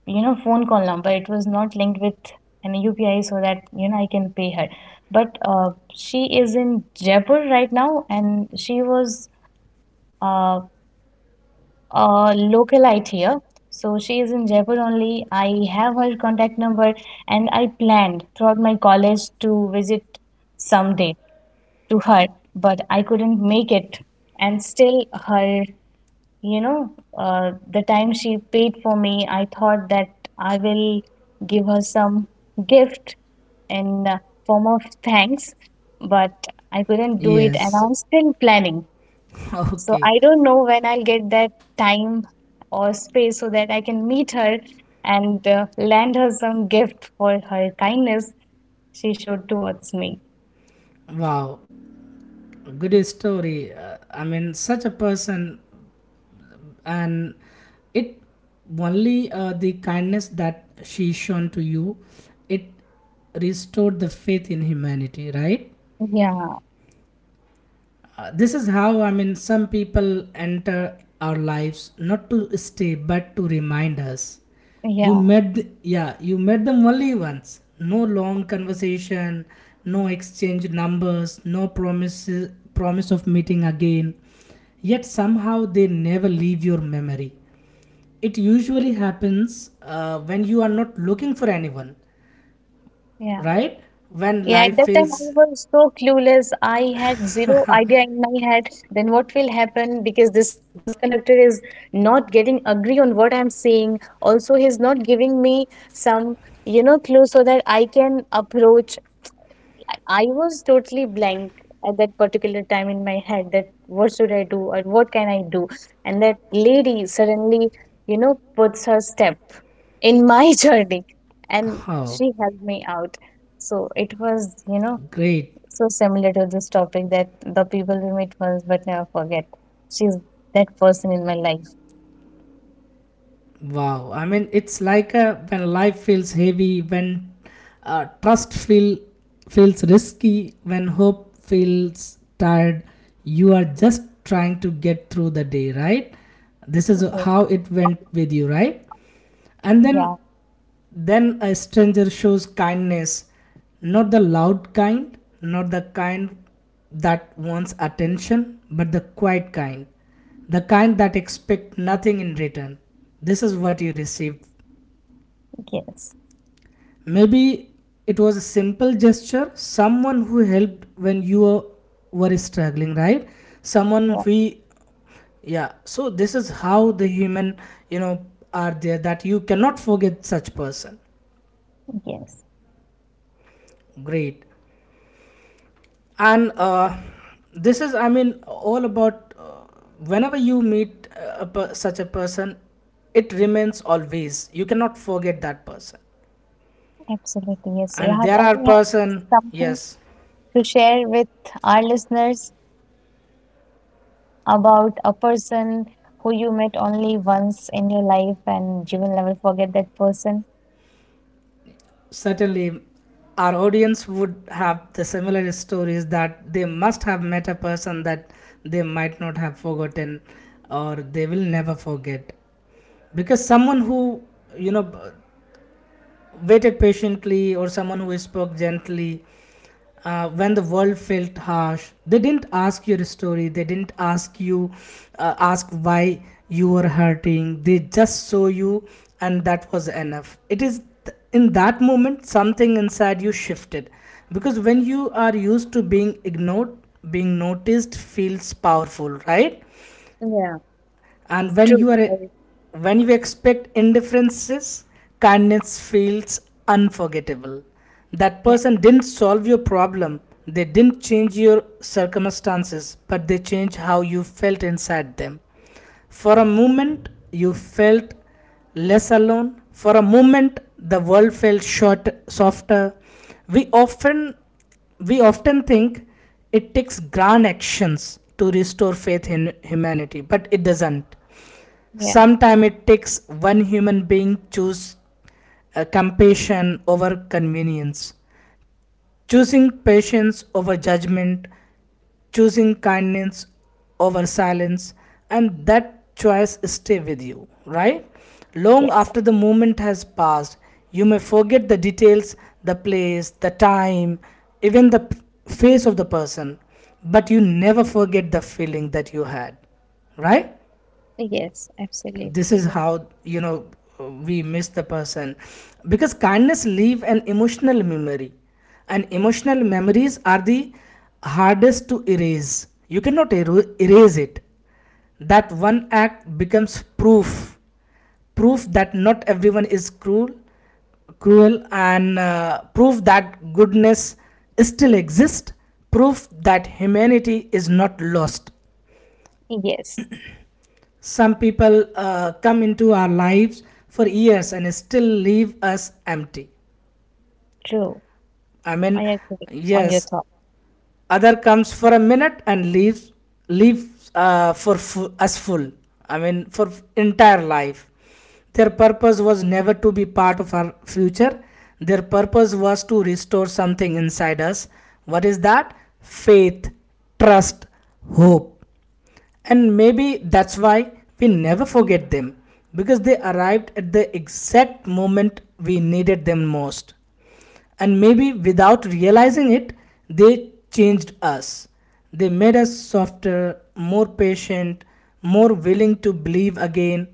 Speaker 1: phone call number. It was not linked with an UPI so that I can pay her. But she is in Jaipur right now, and she was uh, a localite here. So she is in Jaipur only. I have her contact number, and I planned throughout my college to visit someday to her, but I couldn't make it, and still her, you know, the time she paid for me, I thought that I will give her some gift in form of thanks, but I couldn't do it, and
Speaker 2: Yes.
Speaker 1: I'm still planning. So
Speaker 2: Okay.
Speaker 1: I don't know when I'll get that time or space so that I can meet her and land her some gift for her kindness she showed towards me.
Speaker 2: Wow. Good story. I mean, such a person, and it only the kindness that she shown to you, it restored the faith in humanity, right?
Speaker 1: Yeah,
Speaker 2: This is how, I mean, some people enter our lives, not to stay but to remind us. you
Speaker 1: yeah,
Speaker 2: met the, yeah, you met them only once. No long conversation, no exchange numbers, no promise of meeting again. Yet somehow they never leave your memory. It usually happens when you are not looking for anyone,
Speaker 1: yeah.
Speaker 2: right? When
Speaker 1: Yeah, at
Speaker 2: life
Speaker 1: that time I
Speaker 2: feels.
Speaker 1: was so clueless. I had zero idea in my head then what will happen because this bus conductor is not getting agree on what I'm saying. Also, he's not giving me some clue so that I can approach. I was totally blank at that particular time in my head that what should I do or what can I do? And that lady suddenly puts her step in my journey, and
Speaker 2: Oh,
Speaker 1: she helped me out. So it was, you know,
Speaker 2: great.
Speaker 1: so similar to this topic that the people we meet once but never forget. She's that person in my life.
Speaker 2: Wow. I mean, it's like, when life feels heavy, when trust feels risky, when hope feels tired, you are just trying to get through the day, right? This is
Speaker 1: Okay.
Speaker 2: how it went with you, right? And then.
Speaker 1: Yeah,
Speaker 2: Then a stranger shows kindness, not the loud kind, not the kind that wants attention, but the quiet kind, the kind that expect nothing in return. This is what you received.
Speaker 1: yes.
Speaker 2: Maybe it was a simple gesture, someone who helped when you were struggling, right?
Speaker 1: Yeah,
Speaker 2: Someone we Yeah, so this is how the human, you know are there that you cannot forget such person.
Speaker 1: yes.
Speaker 2: Great. And this is, I mean, all about, whenever you meet such a person, it remains always, you cannot forget that person.
Speaker 1: Absolutely, yes.
Speaker 2: And
Speaker 1: Rahat,
Speaker 2: there
Speaker 1: I
Speaker 2: are
Speaker 1: think you
Speaker 2: person,
Speaker 1: have something
Speaker 2: yes.
Speaker 1: to share with our listeners about a person who you met only once in your life and you will never forget that person.
Speaker 2: Certainly our audience would have the similar stories, that they must have met a person that they might not have forgotten, or they will never forget. Because someone who, you know waited patiently, or someone who spoke gently, when the world felt harsh, they didn't ask your story, they didn't ask why you were hurting, they just saw you. And that was enough. In that moment, something inside you shifted. Because when you are used to being ignored, being noticed feels powerful, right?
Speaker 1: Yeah,
Speaker 2: And when
Speaker 1: true.
Speaker 2: you are when you expect indifferences, kindness feels unforgettable. That
Speaker 1: Yeah,
Speaker 2: person didn't solve your problem, they didn't change your circumstances, but they changed how you felt inside them. For a moment you felt less alone. For a moment, the world felt short softer. We often we often think it takes grand actions to restore faith in humanity, but it doesn't.
Speaker 1: yeah,
Speaker 2: Sometimes it takes one human being choose compassion over convenience, choosing patience over judgment, choosing kindness over silence. And that choice stay with you, right, long
Speaker 1: yes,
Speaker 2: after the moment has passed. You may forget the details, the place, the time, even the face of the person. But you never forget the feeling that you had, right?
Speaker 1: yes, absolutely.
Speaker 2: This is how, we miss the person, because kindness leave an emotional memory. And emotional memories are the hardest to erase, you cannot erase it. That one act becomes proof. Proof that not everyone is cruel. Cruel. And proof that goodness still exists. Proof that humanity is not lost.
Speaker 1: Yes, yes,
Speaker 2: Some people come into our lives for years and still leave us empty.
Speaker 1: true.
Speaker 2: I
Speaker 1: I
Speaker 2: mean,
Speaker 1: agree on your
Speaker 2: yes,
Speaker 1: thought.
Speaker 2: other comes for a minute and leaves us full. I mean, for entire life. Their purpose was never to be part of our future. Their purpose was to restore something inside us. What is that? Faith, trust, hope. And maybe that's why we never forget them, because they arrived at the exact moment we needed them most. And maybe without realizing it, they changed us. They made us softer, more patient, more willing to believe again.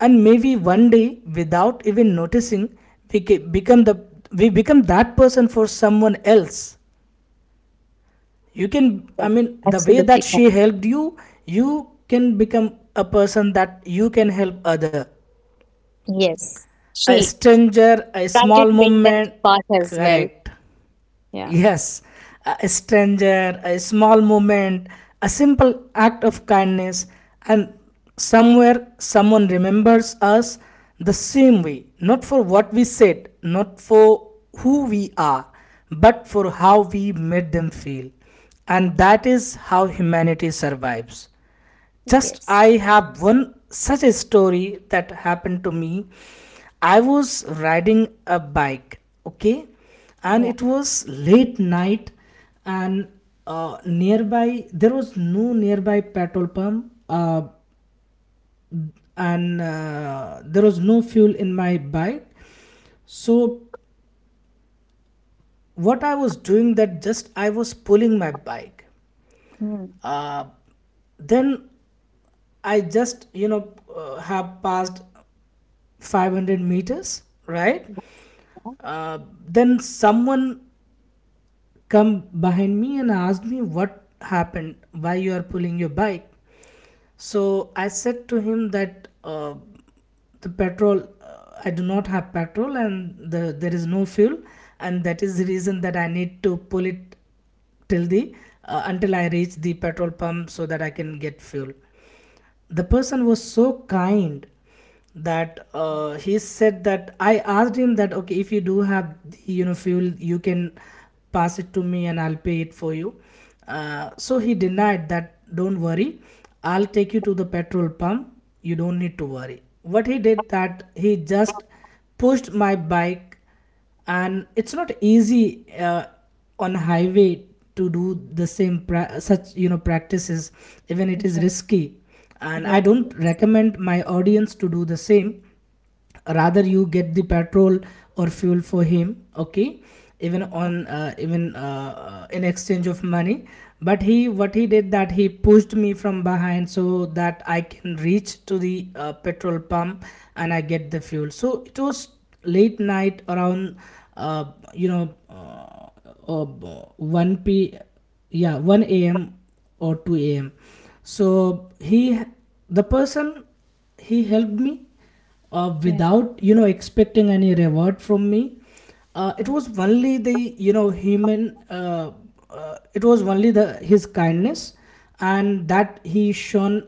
Speaker 2: And maybe one day, without even noticing, we ca- become the we become that person for someone else. You can
Speaker 1: Yeah,
Speaker 2: I mean, the way
Speaker 1: absolutely.
Speaker 2: that she helped you can become a person that you can help other.
Speaker 1: Yes,
Speaker 2: A
Speaker 1: she
Speaker 2: stranger, a
Speaker 1: guided
Speaker 2: small
Speaker 1: me in that
Speaker 2: moment.
Speaker 1: path as well.
Speaker 2: Correct.
Speaker 1: Yeah.
Speaker 2: Yes, a stranger, a small moment, a simple act of kindness, and somewhere someone remembers us the same way, not for what we said, not for who we are, but for how we made them feel. And that is how humanity survives. Just
Speaker 1: Yes.
Speaker 2: I have one such a story that happened to me. I was riding a bike, okay, and
Speaker 1: Yeah.
Speaker 2: it was late night, and nearby there was no nearby petrol pump, and there was no fuel in my bike. So what I was doing that just I was pulling my bike.
Speaker 1: Hmm.
Speaker 2: Uh, then I just have passed 500 meters, right?
Speaker 1: Yeah.
Speaker 2: Uh, then someone come behind me and asked me what happened, why you are pulling your bike. So I said to him that the petrol, I do not have petrol and there is no fuel, and that is the reason that I need to pull it till the until I reach the petrol pump so that I can get fuel. The person was so kind that he said that I asked him that okay if you do have the fuel you can pass it to me and I'll pay it for you. So he denied that don't worry, I'll take you to the petrol pump, you don't need to worry. What he did that he just pushed my bike, and it's not easy on highway to do the same such practices. Even it is risky, and
Speaker 1: Yeah.
Speaker 2: I
Speaker 1: Yeah.
Speaker 2: don't recommend my audience to do the same, rather
Speaker 1: Yeah.
Speaker 2: you get the petrol or fuel for him, okay, even on even in exchange of money. But he, what he did that he pushed me from behind so that I can reach to the petrol pump and I get the fuel. So it was late night around uh, you know uh, uh, 1 p, yeah, 1 a.m or 2 a.m. So he, the person, he helped me
Speaker 1: Yeah.
Speaker 2: without expecting any reward from me. It
Speaker 1: Yeah.
Speaker 2: was only the human it was only the his kindness and that he shown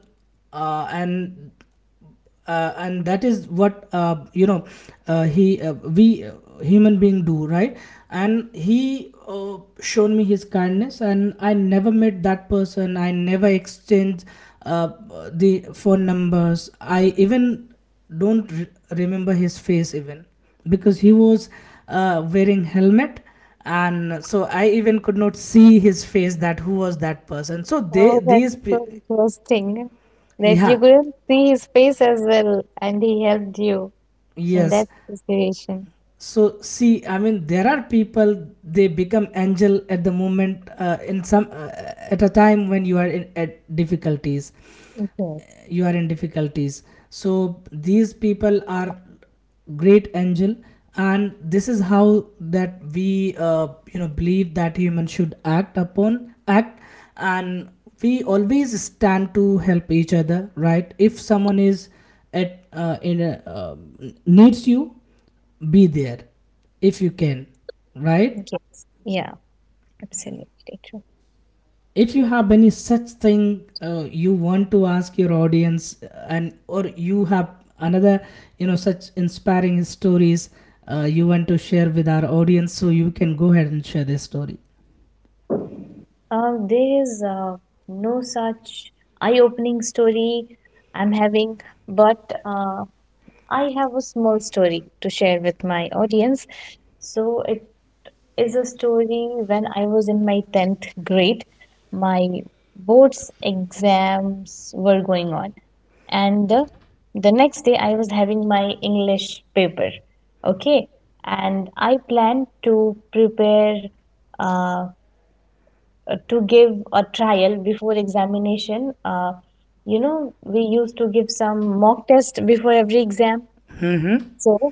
Speaker 2: uh, and and that is what you know he we human being do, right? And he shown me his kindness, and I never met that person, I never exchanged uh, the phone numbers. I even don't re- remember his face even, because he was wearing helmet, and so I even could not see his face that who was that person. So they,
Speaker 1: Oh, that's
Speaker 2: these
Speaker 1: so interesting that you
Speaker 2: yeah,
Speaker 1: couldn't see his face as well, and he helped you in
Speaker 2: yes.
Speaker 1: that situation.
Speaker 2: So see, I mean, there are people they become angel at the moment in some at a time when you are in at difficulties,
Speaker 1: Yes.
Speaker 2: you are in difficulties. So these people are great angel, and this is how that we believe that human should act upon act, and we always stand to help each other, right? If someone is at in needs you, be there if you can, right?
Speaker 1: Yes. Yeah. Absolutely true.
Speaker 2: If you have any such thing you want to ask your audience and or you have another such inspiring stories, you want to share with our audience, so you can go ahead and share this story.
Speaker 1: There is no such eye-opening story I'm having, but uh, I have a small story to share with my audience. So it is a story when I was in my 10th grade. My board's exams were going on, and the next day I was having my English paper. Okay, and I planned to prepare uh, to give a trial before examination. We used to give some mock test before every exam.
Speaker 2: Mm-hmm.
Speaker 1: So,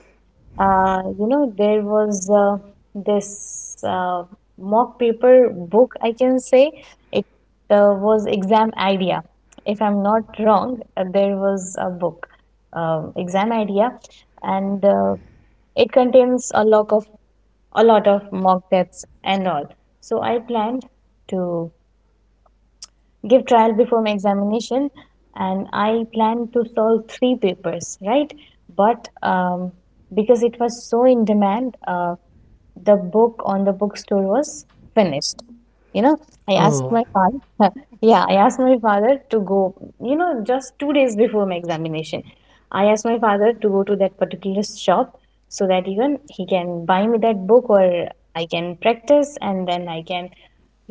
Speaker 1: there was this mock paper book, I can say. It was Exam Idea. If I'm not wrong, there was a book, Exam Idea, and it contains a lot of mock tests and all. So I planned to give trial before my examination, and I planned to solve three papers, right? But because it was so in demand, the book on the bookstore was finished you know i asked my father. Yeah, I asked my father to go, just 2 days before my examination. I asked my father to go to that particular shop
Speaker 2: Oh!
Speaker 1: so that even he can buy me that book, or I can practice, and then I can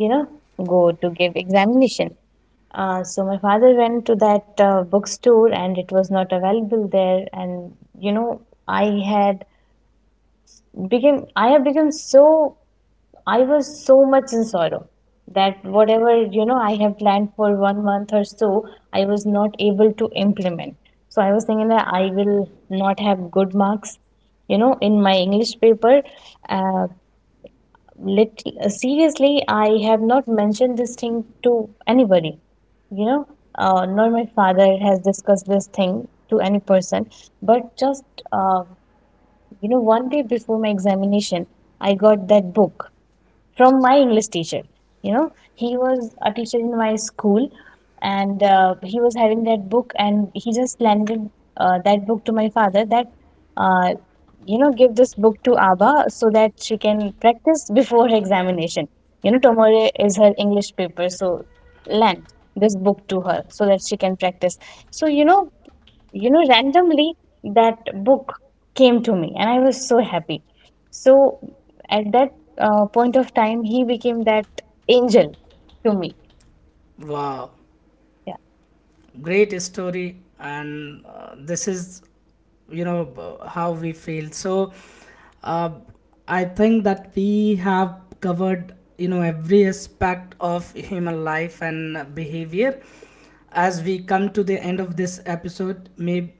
Speaker 1: you know go to give examination. So my father went to that bookstore, and it was not available there, and you know I had I have become so, I was so much in sorrow that whatever I have planned for one month or so I was not able to implement. So I was thinking that I will not have good marks in my English paper. uh, lit- Seriously, I have not mentioned this thing to anybody you know uh, not my father has discussed this thing to any person. But just uh, one day before my examination, I got that book from my English teacher. You know, he was a teacher in my school, and he was having that book, and he just landed that book to my father that, uh, give this book to Abba so that she can practice before her examination. You know, tomorrow is her English paper, so land this book to her so that she can practice. So, randomly that book came to me, and I was so happy. So at that point of time, he became that angel to me.
Speaker 2: Wow!
Speaker 1: Yeah.
Speaker 2: Great story, and this is how we feel. So uh, I think that we have covered every aspect of human life and behavior. As we come to the end of this episode,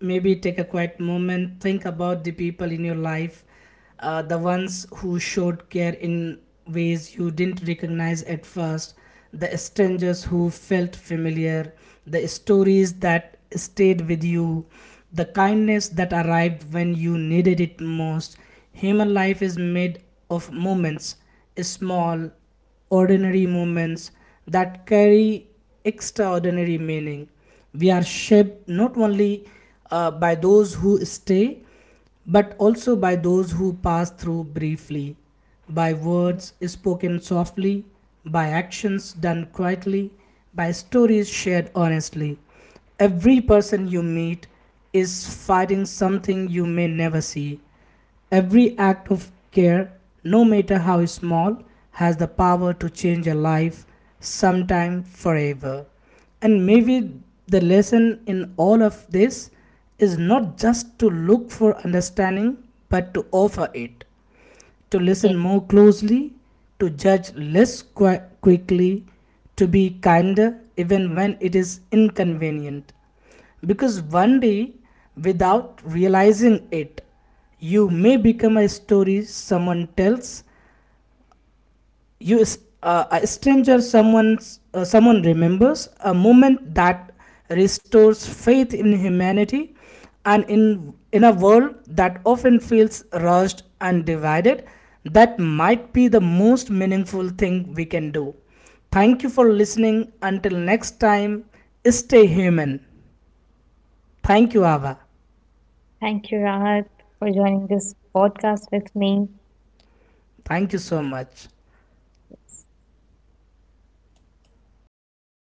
Speaker 2: maybe take a quiet moment, think about the people in your life, the ones who showed care in ways you didn't recognize at first, the strangers who felt familiar, the stories that stayed with you, the kindness that arrived when you needed it most. Human life is made of moments, small, ordinary moments that carry extraordinary meaning. We are shaped not only by those who stay, but also by those who pass through briefly, by words spoken softly, by actions done quietly, by stories shared honestly. Every person you meet is fighting something you may never see. Every act of care, no matter how small, has the power to change a life, sometime forever. And maybe the lesson in all of this is not just to look for understanding, but to offer it, to listen
Speaker 1: Okay.
Speaker 2: more closely, to judge quickly, to be kinder even when it is inconvenient. Because one day, without realizing it, you may become a story someone tells you, a stranger, someone remembers, a moment that restores faith in humanity and in a world that often feels rushed and divided, that might be the most meaningful thing we can do. Thank you for listening. Until next time, stay human. Thank you, Ava.
Speaker 1: Thank you, Rahat, for joining this podcast with me.
Speaker 2: Thank you so much.
Speaker 1: I wish